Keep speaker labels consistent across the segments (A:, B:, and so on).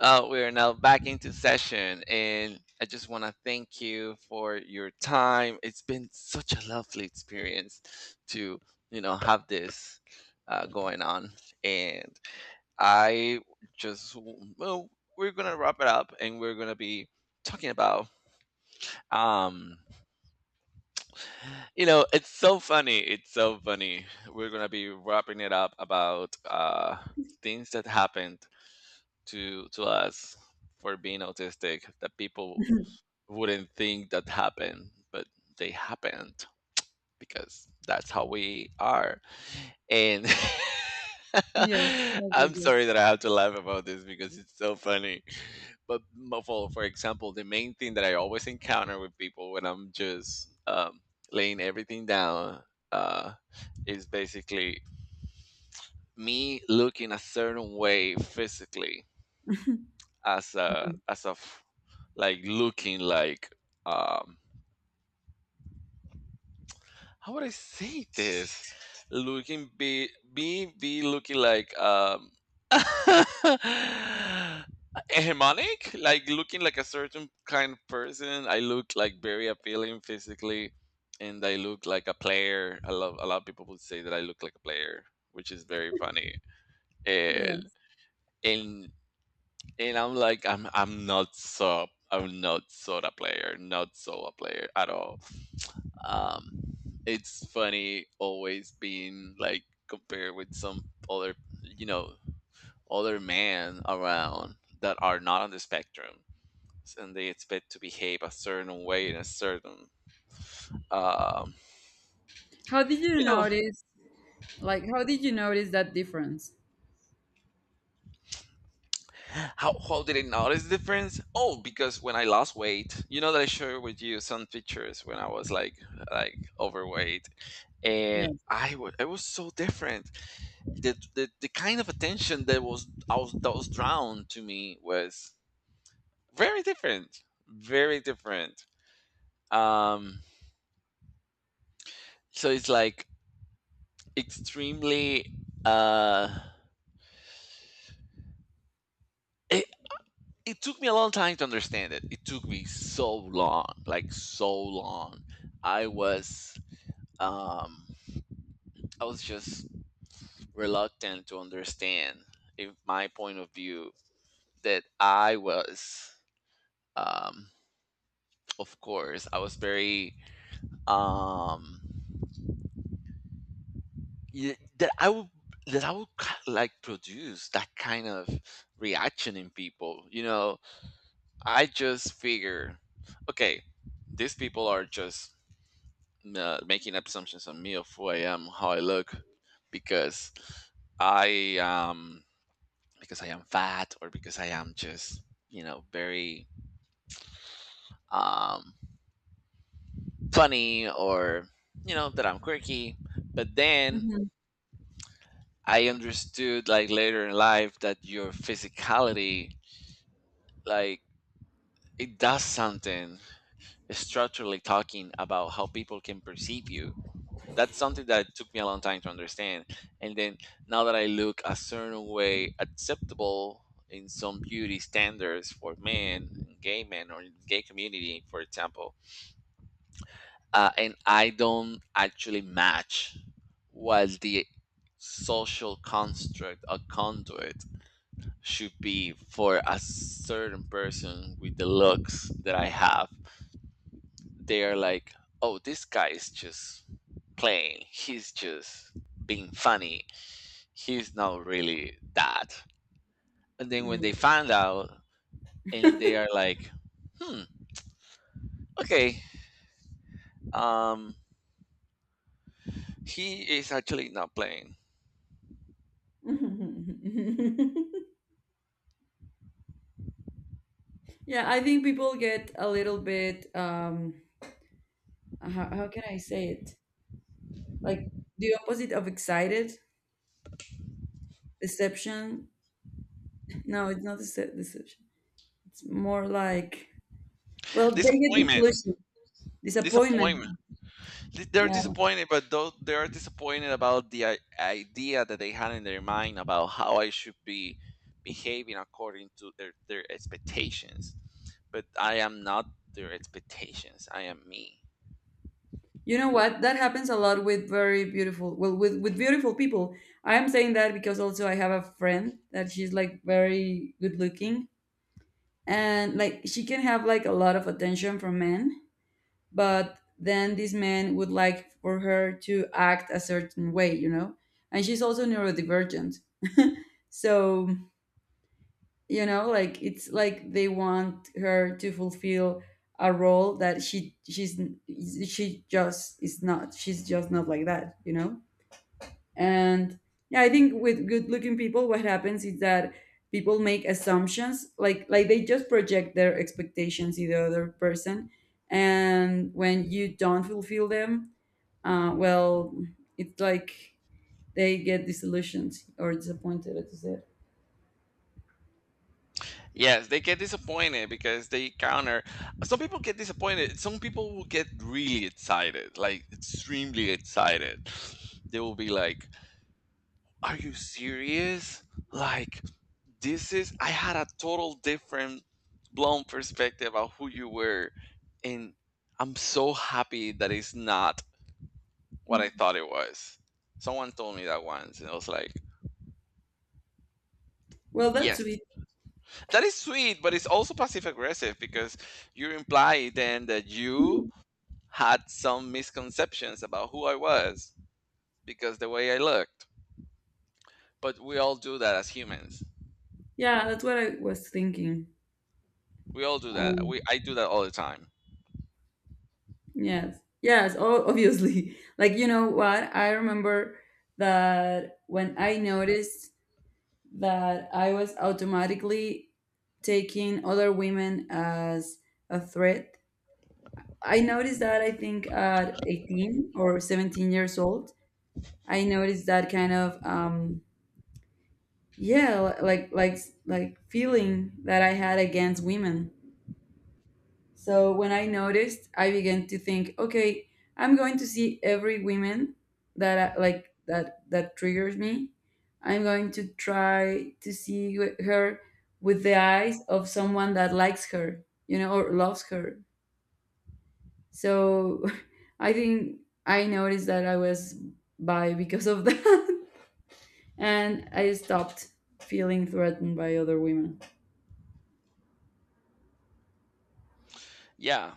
A: We are now back into session, and I just want to thank you for your time. It's been such a lovely experience to have this going on, and I just well, we're gonna wrap it up, and we're gonna be talking about, um it's so funny, we're gonna be wrapping it up about, things that happened to us for being autistic that people wouldn't think that happened, but they happened because that's how we are. And
B: Yes, yes, yes,
A: I'm
B: yes.
A: sorry that I have to laugh about this because it's so funny. But for example, the main thing that I always encounter with people when I'm just, laying everything down, uh, is basically me looking a certain way physically, as a
B: Mhm.
A: as of, like looking like, um how would I say this? Looking be looking like, hegemonic, like looking like a certain kind of person. I look like very appealing physically, and I look like a player. I love a lot of people would say that I look like a player, which is very funny.
B: Yeah.
A: And and and I'm like, I'm not so, a player, not so a player at all. Um, it's funny, always being like compared with some other you know other men around that are not on the spectrum, and they expect to behave a certain way in a certain, um
B: How did you
A: you know
B: notice, how did you notice that difference?
A: how did I notice the difference? Oh, because when I lost weight, you know that I shared with you some pictures, when I was like, overweight, and
B: Yes.
A: I was so different. The kind of attention that was, I was that was drawn to me was very different, very different. Um, so it's like extremely. Uh, it it took me a long time to understand it. It took me so long, like so long. I was, um, I was just reluctant to understand, if my point of view, that I was, um, of course I was very, um that I would, like, produce that kind of reaction in people. I just figure, okay, these people are just, making assumptions on me of who I am, how I look, because I because I am fat, or because I am just, very, um funny, or you know that I'm quirky. But then
B: Hmm.
A: I understood, like later in life, that your physicality, like, it does something structurally, talking about how people can perceive you. That's something that took me a long time to understand. And then now that I look a certain way acceptable in some beauty standards, for men, gay men, or gay community, for example, and I don't actually match what the social construct or conduit should be for a certain person with the looks that I have. They are like, oh, this guy is just playing. He's just being funny. He's not really that. And then when
B: Mm.
A: they find out, and they are like, hmm, okay, um, he is actually not playing.
B: Yeah, I think people get a little bit, how can I say it? Like the opposite of excited. Deception. No, it's not deception. It's more like, well, they get
A: Disappointment.
B: disillusioned.
A: Disappointment.
B: Disappointment.
A: They're
B: Yeah.
A: disappointed, but though they're disappointed about the idea that they had in their mind about how I should be behaving according to their expectations. But I am not their expectations. I am me.
B: You know what? That happens a lot with very beautiful, well, with beautiful people. I am saying that because also I have a friend that she's like very good looking, and like she can have like a lot of attention from men, but then these men would like for her to act a certain way, you know? And she's also neurodivergent. So, you know, like it's like they want her to fulfill a role that she's she just is not, she's just not like that, you know. And yeah, I think with good looking people what happens is that people make assumptions, like they just project their expectations in the other person, and when you don't fulfill them, well, it's like they get disillusioned or disappointed, as you said.
A: Yes, they get disappointed because they counter. Some people get disappointed. Some people will get really excited, like extremely excited. They will be like, are you serious? Like, this is, I had a total different blown perspective of who you were. And I'm so happy that it's not what I thought it was. Someone told me that once, and I was like,
B: Well,
A: yes,
B: that's it.
A: that is sweet, but it's also passive aggressive because you imply then that you had some misconceptions about who I was because the way I looked. But we all do that as humans.
B: Yeah, that's what I was thinking.
A: We all do that.
B: Um,
A: We I do that all the time.
B: Yes, yes, oh, obviously. Like, you know what? I remember that when I noticed that I was automatically taking other women as a threat, I noticed that I think at 18 or 17 years old. I noticed that kind of, yeah, like feeling that I had against women. So when I noticed, I began to think, okay, I'm going to see every woman that I that triggers me. I'm going to try to see her with the eyes of someone that likes her, you know, or loves her. So I think I noticed that I was bi because of that, and I stopped feeling threatened by other women.
A: Yeah,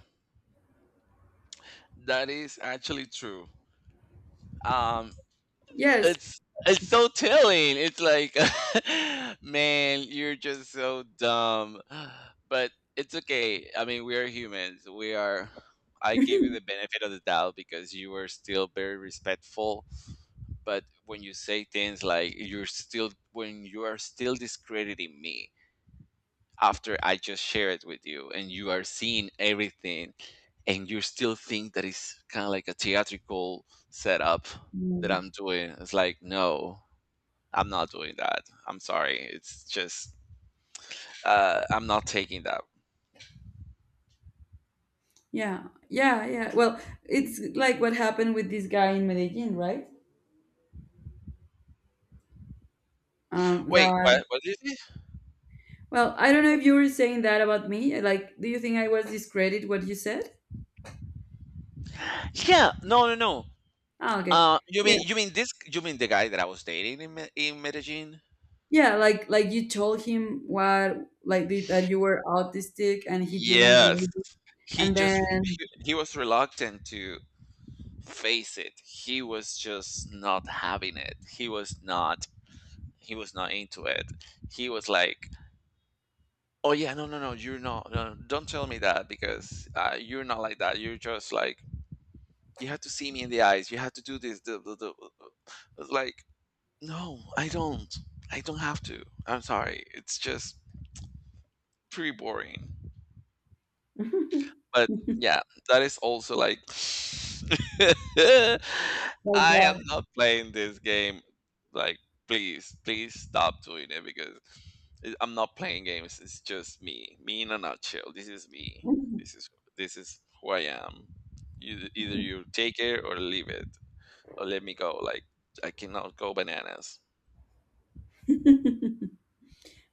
A: that is actually true. Um,
B: Yes.
A: it's it's so telling. It's like, man, you're just so dumb. But it's okay. I mean, we are humans. We are. I give you the benefit of the doubt because you were still very respectful. But when you say things like, when you are still discrediting me, after I just share it with you and you are seeing everything, and you still think that it's kind of like a theatrical setup that
B: Yeah.
A: I'm doing. It's like, no, I'm not doing that. I'm sorry. It's just, I'm not taking that.
B: Yeah, yeah, yeah. Well, it's like what happened with this guy in Medellin, right?
A: Wait,
B: That,
A: what? What did.
B: well, I don't know if you were saying that about me. Like, do you think I was discredit what you said?
A: Yeah, no, no, no.
B: Ah, okay.
A: You mean,
B: Yeah,
A: this? You mean the guy that I was dating in in Medellin?
B: yeah, like you told him what like that you were autistic and he didn't
A: Yes,
B: believe it.
A: he
B: And then
A: just he, he was reluctant to face it. He was just not having it. He was not into it. He was like, oh, yeah, no, no, no, you're not. No, no, don't tell me that because, you're not like that. You're just like, you have to see me in the eyes, you have to do this, the. It's like, no, I don't have to. I'm sorry, it's just pretty boring. But yeah, that is also like,
B: like
A: I am
B: that.
A: not playing this game. Like, please, please stop doing it because I'm not playing games. It's just me, in a nutshell. This is me. This is this is who I am. Either you take it or leave it, or let me go. Like, I cannot go bananas.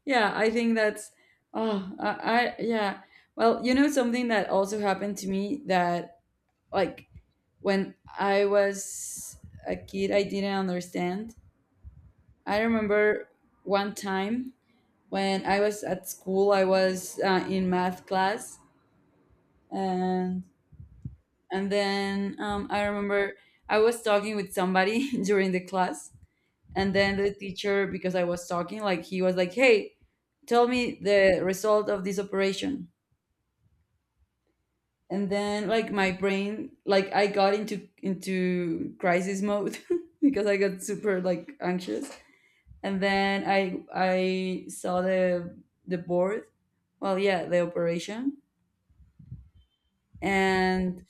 B: Yeah, I think that's oh, I yeah. Well, you know something that also happened to me that, like when I was a kid, I didn't understand. I remember one time when I was at school, I was in math class. And then I remember I was talking with somebody during the class, and then the teacher, because I was talking, like he was like, "Hey, tell me the result of this operation." And then like my brain, like I got into crisis mode because I got super like anxious, and then I saw the board, well, yeah, the operation. And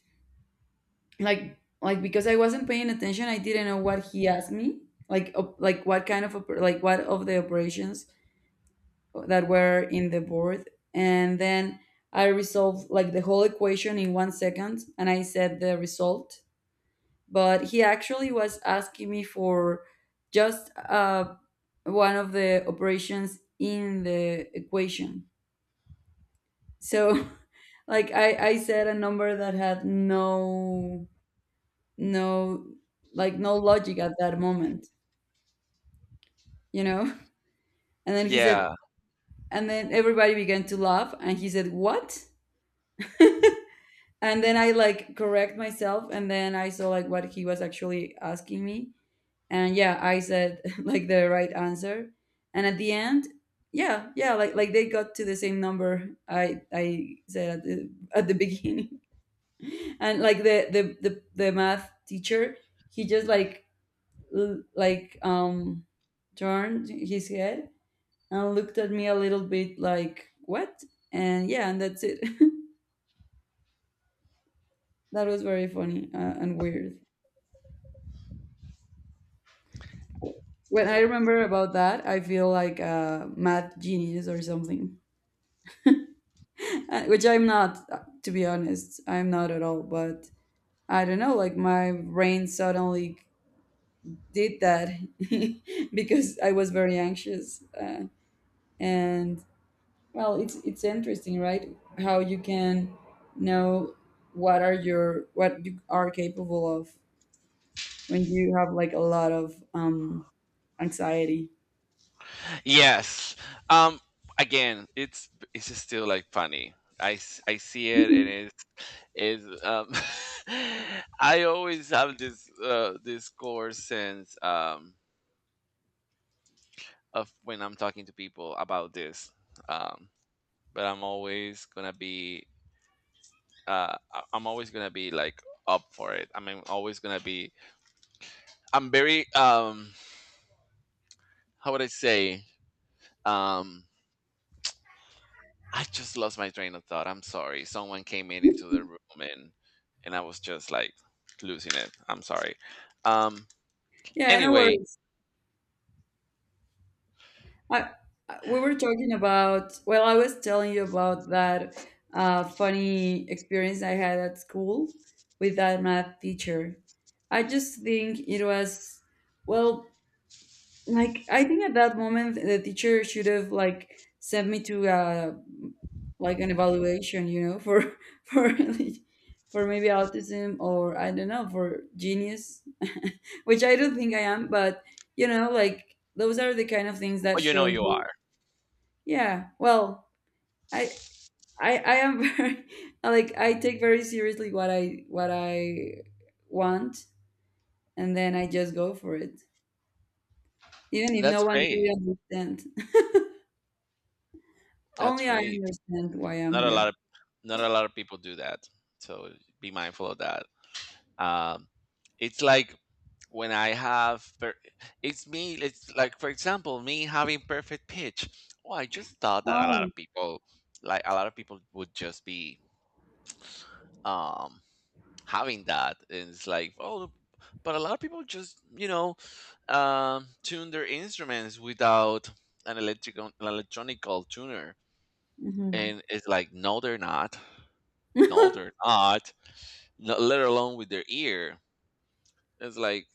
B: like because I wasn't paying attention, I didn't know what he asked me, like like what kind of like what of the operations that were in the board. And then I resolved like the whole equation in 1 second, and I said the result, but he actually was asking me for just one of the operations in the equation. So like I said a number that had no like no logic at that moment, you know? And then he said,
A: Yeah.
B: and then everybody began to laugh, and he said, "What?" And then I like correct myself, and then I saw like what he was actually asking me, and yeah, I said like the right answer. And at the end, yeah, yeah, like they got to the same number I said at the beginning. And like the math teacher, he just like like turned his head and looked at me a little bit like, what? And yeah, and that's it. That was very funny, and weird. When I remember about that, I feel like a math genius or something. Which I'm not, to be honest. I'm not at all. But I don't know, like my brain suddenly did that because I was very anxious. And, well, it's interesting, right? How you can know what are your what you are capable of when you have like a lot of anxiety.
A: Yes. Um. Again, it's just still like funny. I see it, and
B: Mhm.
A: it's is I always have this, this core sense, of when I'm talking to people about this, um, but I'm always gonna be, I'm always gonna be like up for it. I mean, always gonna be. I'm very, how would I say? Um, I just lost my train of thought. I'm sorry. Someone came in into the room, and I was just like losing it. I'm sorry. Um,
B: Yeah, I know where.
A: anyway,
B: I, we were talking about, well, I was telling you about that funny experience I had at school with that math teacher. I just think it was, well, like, I think at that moment the teacher should have, like, sent me to, like, an evaluation, you know, for, for, for maybe autism or I don't know, for genius. Which I don't think I am, but, you know, like, those are the kind of things that
A: well, you know
B: show
A: you
B: you.
A: are.
B: Yeah, well, I I am very like I take very seriously what I want, and then I just go for it. Even if
A: That's
B: no one really
A: great.
B: understands.
A: That's
B: Only I
A: great.
B: understand why I'm
A: Not a lot
B: here.
A: of Not a lot of people do that. So be mindful of that. Um, it's like when I have it's me. It's like, for example, me having perfect pitch. Well, I just thought that a lot of
B: Oh.
A: people, a lot of people would just be, um having that, and it's like, oh, but a lot of people just, tune their instruments without an electronical tuner,
B: Hmm.
A: and it's like, no, they're not. No, they're not. No, let alone with their ear. It's like,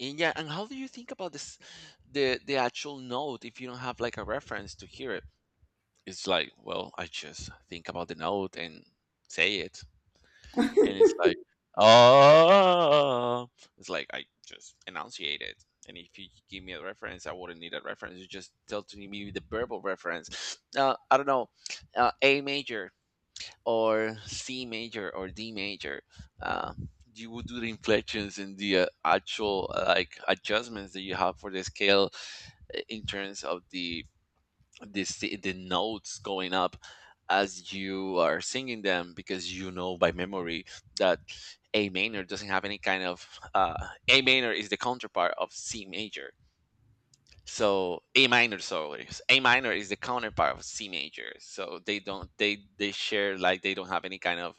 A: and yeah. And how do you think about this, the actual note, if you don't have like a reference to hear it? It's like, well, I just think about the note and say it, and it's like, oh, it's like I just enunciate it. And if you give me a reference, I wouldn't need a reference. You just tell to me the verbal reference. I don't know, A major. Or C major or D major, uh, you would do the inflections, and the, actual, like, adjustments that you have for the scale, in terms of the, the notes going up as you are singing them, because you know by memory that A minor doesn't have any kind of, A minor is the counterpart of C major. So A minor, sorry, A minor is the counterpart of C major. So they don't, they share, like, they don't have any kind of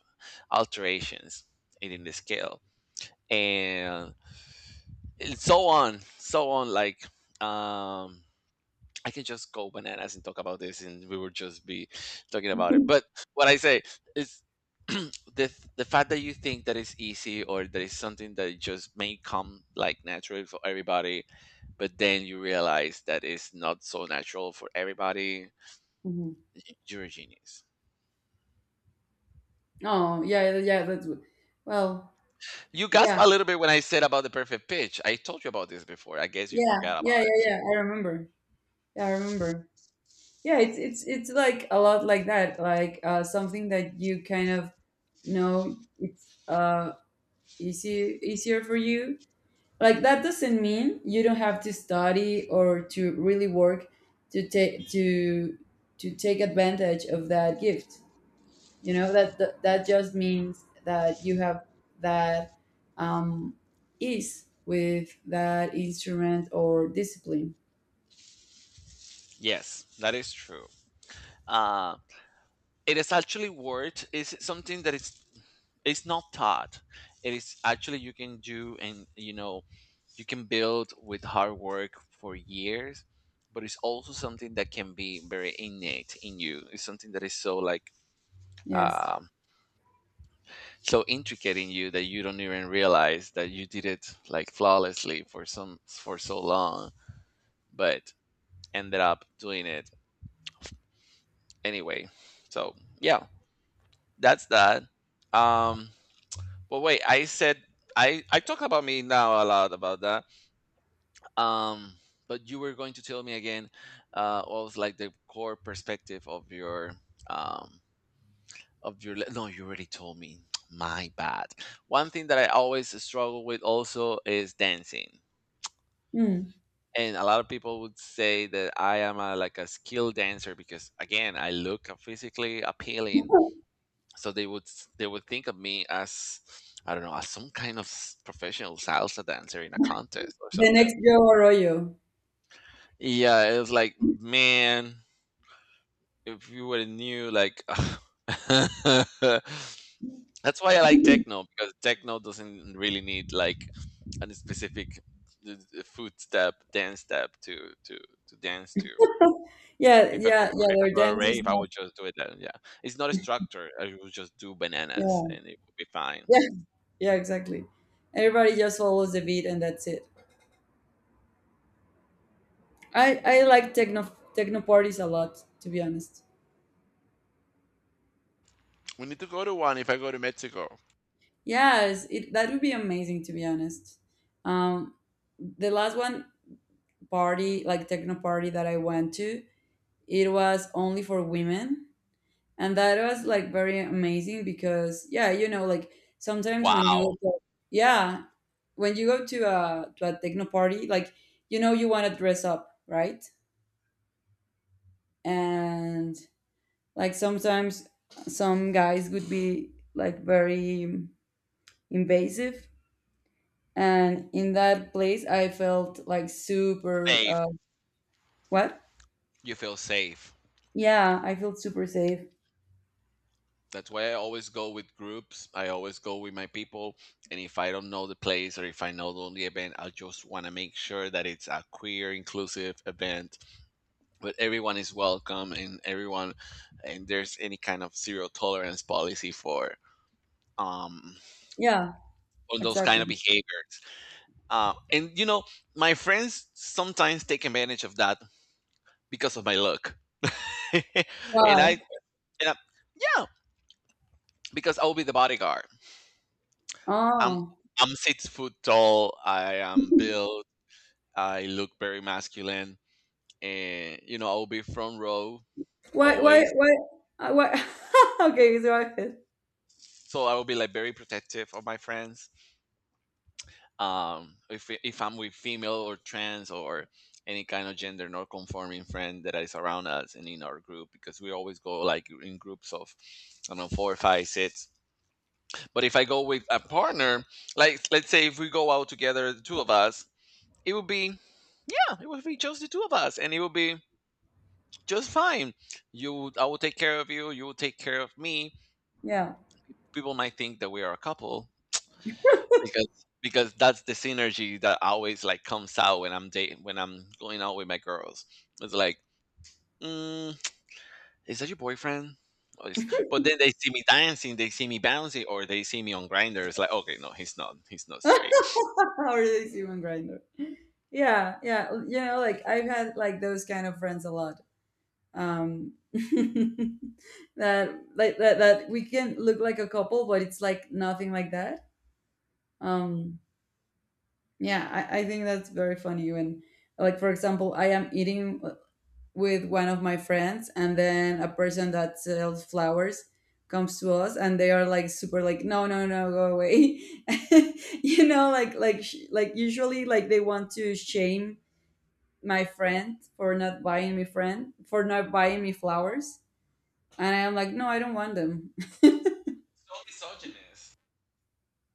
A: alterations in the scale, and so on, so on. Like, um, I can just go bananas and talk about this, and we would just be talking about it. But what I say is. the, the fact that you think that it's easy, or that it's something that just may come like naturally for everybody, but then you realize that it's not so natural for everybody.
B: Hmm.
A: You're a genius.
B: Oh, yeah, yeah, yeah, that's well,
A: You gasped
B: yeah.
A: a little bit when I said about the perfect pitch. I told you about this before. I guess you
B: Yeah,
A: forgot
B: yeah,
A: about it.
B: yeah, yeah. I remember. Yeah, I remember. Yeah, it's like a lot like that, like something that you kind of know, it's easy easier for you. Like that doesn't mean you don't have to study or to really work to take to to take advantage of that gift, you know that that just means that you have that um ease with that instrument or discipline.
A: Yes, that is true. Uh, it is actually worth. It's something that is it's not taught. It is actually you can do, and you know you can build with hard work for years. But it's also something that can be very innate in you. It's something that is so like
B: Yes.
A: um, so intricate in you that you don't even realize that you did it like flawlessly for some for so long but ended up doing it anyway, so yeah, that's that. um but wait, I said, I talk about me now a lot about that. um but you were going to tell me again, what was like the core perspective um of your no, you already told me my bad. One thing that I always struggle with also is dancing,
B: Mm.
A: and a lot of people would say that I am a, like a skilled dancer because again I look physically appealing. So they would they would think of me as, I don't know, as some kind of professional salsa dancer in a contest or
B: The
A: something.
B: next Joe Arroyo.
A: Yeah, it was like, man, if you would have knew, like that's why I like techno, because techno doesn't really need like a specific uh, foot step dance step to dance to.
B: Yeah,
A: If I go
B: yeah, yeah, their
A: to a
B: dance is
A: rave, I
B: not
A: would just do it then. Yeah, it's not a structure. I would just do bananas,
B: yeah.
A: and it would be fine.
B: Yeah, yeah. Exactly, everybody just follows the beat and that's it. I like techno techno parties a lot, to be honest.
A: We need to go to one if I go to Mexico.
B: Yes, it that would be amazing, to be honest. Um, the last one party, like techno party that I went to, it was only for women, and that was like very amazing because yeah, you know, like sometimes when you
A: Wow,
B: go to, yeah, when you go to a techno party, like you know you want to dress up, right? And like sometimes some guys would be like very invasive, and in that place I felt like super
A: safe.
B: what?
A: You feel safe.
B: Yeah, I felt super safe.
A: That's why I always go with groups. I always go with my people. And if I don't know the place or if I know the only event, I just want to make sure that it's a queer inclusive event. But everyone is welcome and everyone, and there's any kind of zero tolerance policy for um
B: Yeah,
A: on those kind
B: exactly.
A: of behaviors. And you know, my friends sometimes take advantage of that because of my look. And I,
B: Why?
A: and I- yeah, because I'll be the bodyguard. I'm
B: Oh.
A: I'm 6 foot tall. I am built. I look very masculine, and you know, I will be front row
B: Why, why,
A: always.
B: why? Why? Okay, so I feel,
A: So I will be like very protective of my friends, if I'm with female or trans or any kind of gender non conforming friend that is around us and in our group, because we always go like in groups of, I don't know, four five six. But if I go with a partner, like let's say if we go out together, the two of us, it would be, yeah, it would be just the two of us, and it would be just fine. You, I will take care of you, you will take care of me.
B: yeah.
A: People might think that we are a couple because that's the synergy that always like comes out when I'm dating, when I'm going out with my girls. It's like, mm, is that your boyfriend? But then they see me dancing, they see me bouncing, or they see me on Grindr. It's like, okay, no, he's not straight. So
B: Or this human grinder. Yeah, yeah, you know, like I've had like those kind of friends a lot. um that like that, that we can look like a couple but it's like nothing like that. Um, yeah, I think that's very funny when, like, for example, I am eating with one of my friends, and then a person that sells flowers comes to us, and they are like super like, no, no, no, go away. You know, like like usually like they want to shame my friend for not buying me friend for not buying me flowers, and I am like, no, I don't want them.
A: misogynist.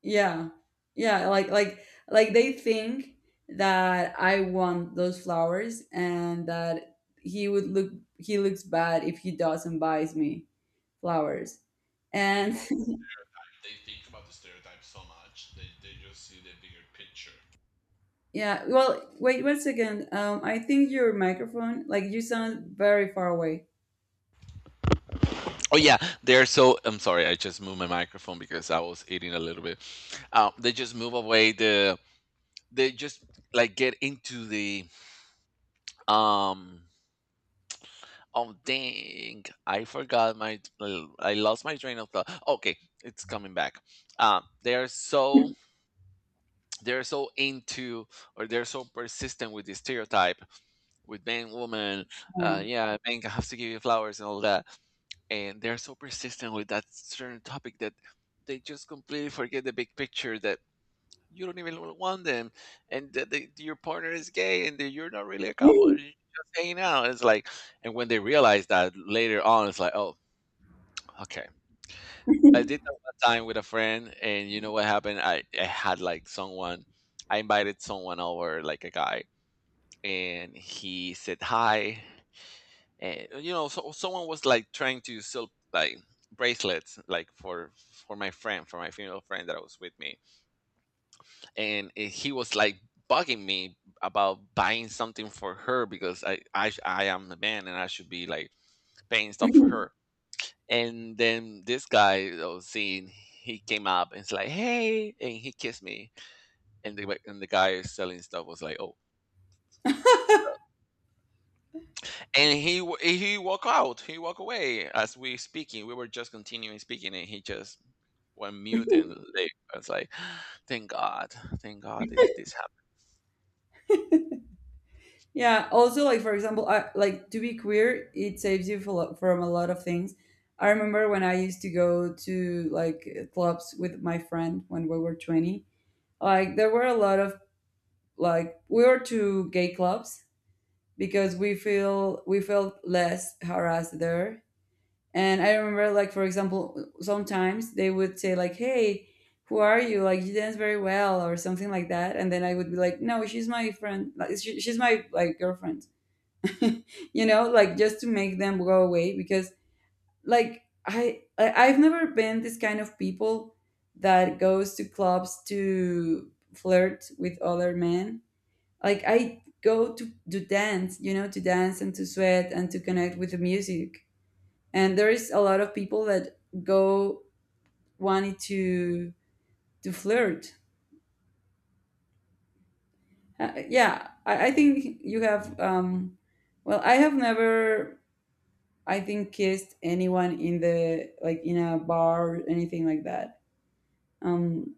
B: Yeah. Yeah, like they think that I want those flowers and that he would look he looks bad if he doesn't buys me flowers.
A: They
B: And
A: follow, they think about the stereotype so much, they just see the bigger picture.
B: yeah, well, wait one second. Um, I think your microphone, like, you sound very far away.
A: Oh yeah, they're so. I'm sorry, I just moved my microphone because I was eating a little bit. They just move away the. They just like get into the. Um. Oh dang! I forgot my. I lost my train of thought. Okay, it's coming back. They are so they're so into, or they're so persistent with the stereotype with man woman. Yeah, man has to give you flowers and all that, and they're so persistent with that certain topic that they just completely forget the big picture, that you don't even want them, and your partner is gay, and you're not really a couple.
B: Yeah.
A: You're just hanging out. It's like, and when they realize that later on, it's like, oh, okay. I did that one time with a friend, and you know what happened? I had like someone, I invited someone over, like a guy, and he said hi. And you know, so someone was like trying to sell like bracelets, like for my friend, for my female friend that was with me. And eh, he was like bugging me about buying something for her because I I am the man and I should be like paying stuff for her. And then this guy that I was seeing, he came up and it's like, hey, and he kissed me. And the like, and the guy selling stuff was like, oh, and he he walked out, he walked away as we speaking. We were just continuing speaking, and he just went mute and left. I was like, thank God, thank God, this.
B: Yeah. Also, like for example, I, like to be queer, it saves you from a lot of things. I remember when I used to go to like clubs with my friend when we were 20. Like there were a lot of like we were to gay clubs because we felt less harassed there. And I remember, like for example, sometimes they would say like, "Hey, who are you? Like you dance very well," or something like that. And then I would be like, "No, she's my friend. Like, she's my like girlfriend." You know, like just to make them go away because like I I've never been this kind of people that goes to clubs to flirt with other men. Like I go to dance, you know, to dance and to sweat and to connect with the music. And there is a lot of people that go wanting to flirt. Yeah, I think you have well I have never I think kissed anyone in the like in a bar or anything like that. Um,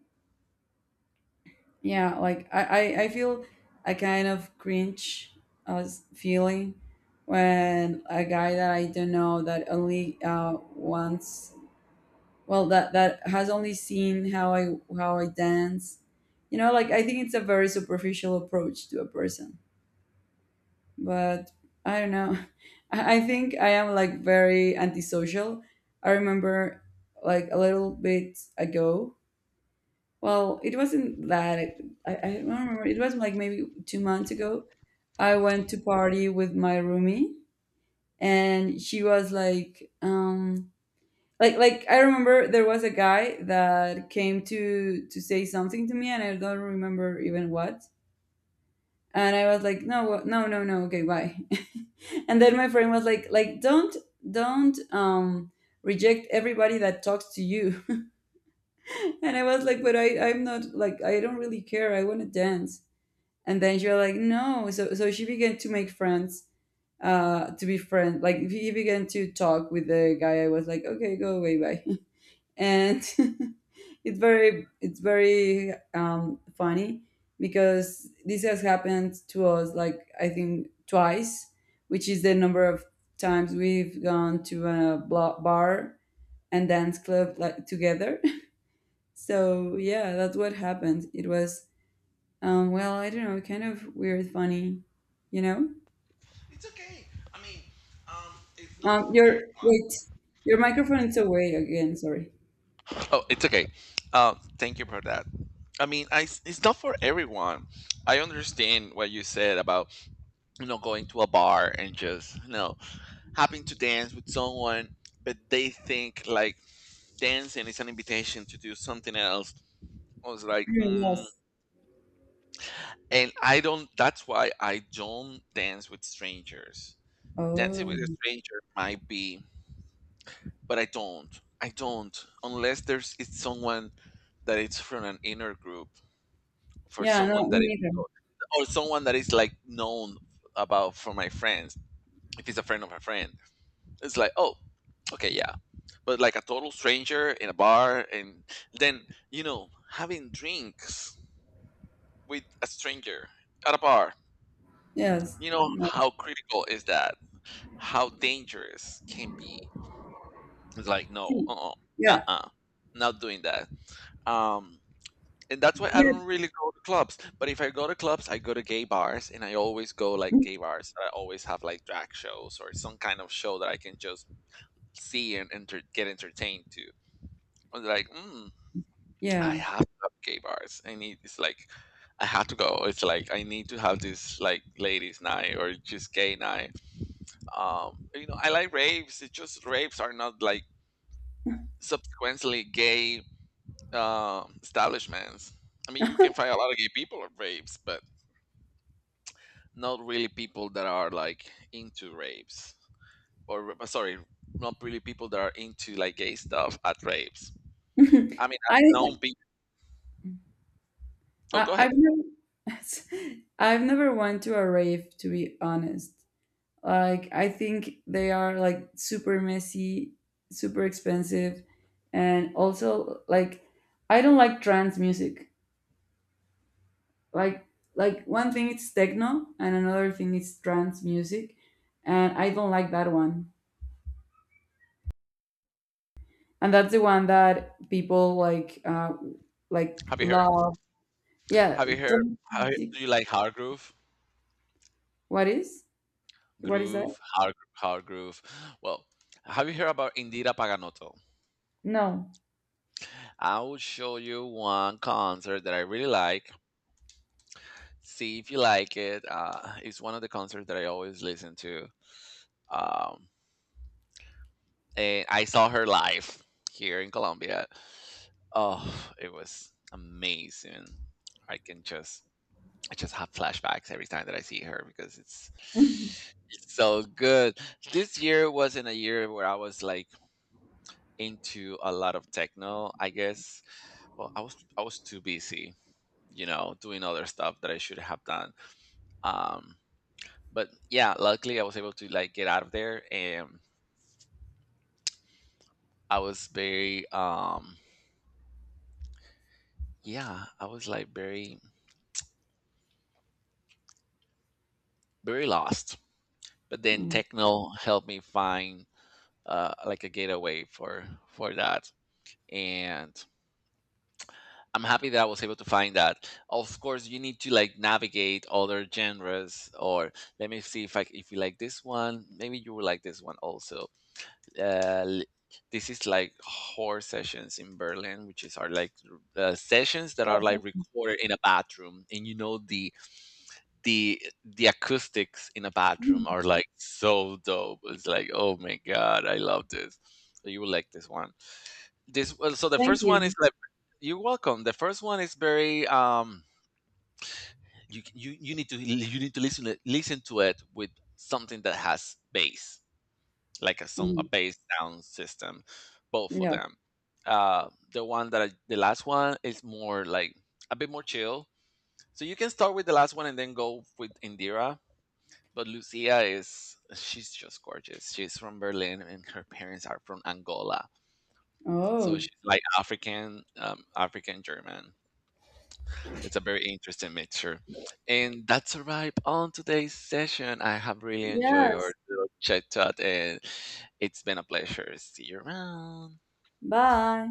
B: yeah, like I feel a kind of cringe as feeling when a guy that I don't know that only once, well that has only seen how I dance. You know, like I think it's a very superficial approach to a person. But I don't know. I think I am like very antisocial. I remember like a little bit ago. Well, it wasn't that. I don't remember. It was like maybe 2 months ago. I went to party with my roomie, and she was like, like I remember there was a guy that came to say something to me, and I don't remember even what. And I was like, no no no no okay bye. And then my friend was like don't reject everybody that talks to you. And I was like, but I'm not like I don't really care I want to dance. And then she was like, no, so she began to make friends to be friends, like he began to talk with the guy. I was like, okay, go away, bye. And it's very funny because this has happened to us like I think twice, which is the number of times we've gone to a bar and dance club like together. So yeah, that's what happened. It was well, I don't know, kind of weird, funny, you know. Your wait, your microphone is away again. Sorry.
A: Oh, it's okay. Thank you for that. I mean, I, it's not for everyone. I understand what you said about, you know, going to a bar and just, you know, having to dance with someone, but they think like dancing is an invitation to do something else. I was like,
B: Mm,
A: mm.
B: yes.
A: And I don't. That's why I don't dance with strangers. Dancing with
B: Oh.
A: a stranger might be, but I don't. I don't, unless there's it's someone that it's from an inner group, for
B: Yeah. No,
A: someone
B: me
A: that is,
B: neither.
A: or someone that is like known about for my friends. If it's a friend of a friend, it's like, oh, okay, yeah. But like a total stranger in a bar, and then, you know, having drinks with a stranger at a bar,
B: Yes.
A: you know
B: Yeah.
A: how critical is that, how dangerous can be. It's like, no, uh-uh,
B: Yeah.
A: uh-uh. Not doing that. um and that's why I
B: Yeah.
A: don't really go to clubs. But if I go to clubs, I go to gay bars, and I always go like
B: Mm.
A: gay bars that I always have like drag shows or some kind of show that I can just see and get entertained to. I'm like, mm, I
B: Yeah.
A: have to have gay bars. I need, it's like I have to go. It's like I need to have this like ladies' night or just gay night. You know, I like raves. It's just raves are not like subsequently gay establishments. I mean, you can find a lot of gay people at raves, but not really people that are like into rapes, or sorry, not really people that are into like gay stuff at rapes. I mean,
B: I, I
A: I've known people. Oh, go ahead.
B: I've never I've never went to a rave, to be honest. Like I think they are like super messy, super expensive, and also like I don't like trance music. Like like one thing it's techno and another thing it's trance music, and I don't like that one. And that's the one that people like
A: have you heard
B: love. Yeah,
A: have you heard
B: drink. Music.
A: do you like hard groove?
B: What is what is that?
A: Hard, hard groove. Well, have you heard about Indira Paganotto?
B: No.
A: I will show you one concert that I really like, see if you like it. Uh, it's one of the concerts that I always listen to. um, and I saw her live here in Colombia. Oh, it was amazing. I can just, I just have flashbacks every time that I see her, because it's so good. This year wasn't a year where I was like into a lot of techno, I guess. Well, I was too busy, you know, doing other stuff that I should have done. Um but yeah, luckily I was able to like get out of there. And I was very yeah, I was like very lost. But then
B: Mm.
A: techno helped me find like a gateway for that, and I'm happy that I was able to find that. Of course, you need to like navigate other genres, or let me see if I, if you like this one, maybe you will like this one also. Uh, l- this is like horror sessions in Berlin, which is are like sessions that are
B: Oh,
A: like
B: thank
A: recorded in a bathroom, and you know the the acoustics in a
B: you.
A: bathroom
B: Mm,
A: are like so dope. It's like, oh my god, I love this. So you will like this one. This, well, so the
B: thank
A: first one is
B: you.
A: like you're welcome. The first one is very you need to listen to it with something that has bass, like a some a
B: Mm.
A: bass sound system, both of
B: Yeah.
A: them. The one that I, the last one is more like a bit more chill. So you can start with the last one and then go with Indira. But Lucia is, she's just gorgeous. She's from Berlin and her parents are from Angola. So
B: Oh.
A: she's like African, African German. It's a very interesting mixture. And that's a wrap on today's session. I have really enjoyed our
B: Yes.
A: little chat, and it's been a pleasure. See you around.
B: Bye.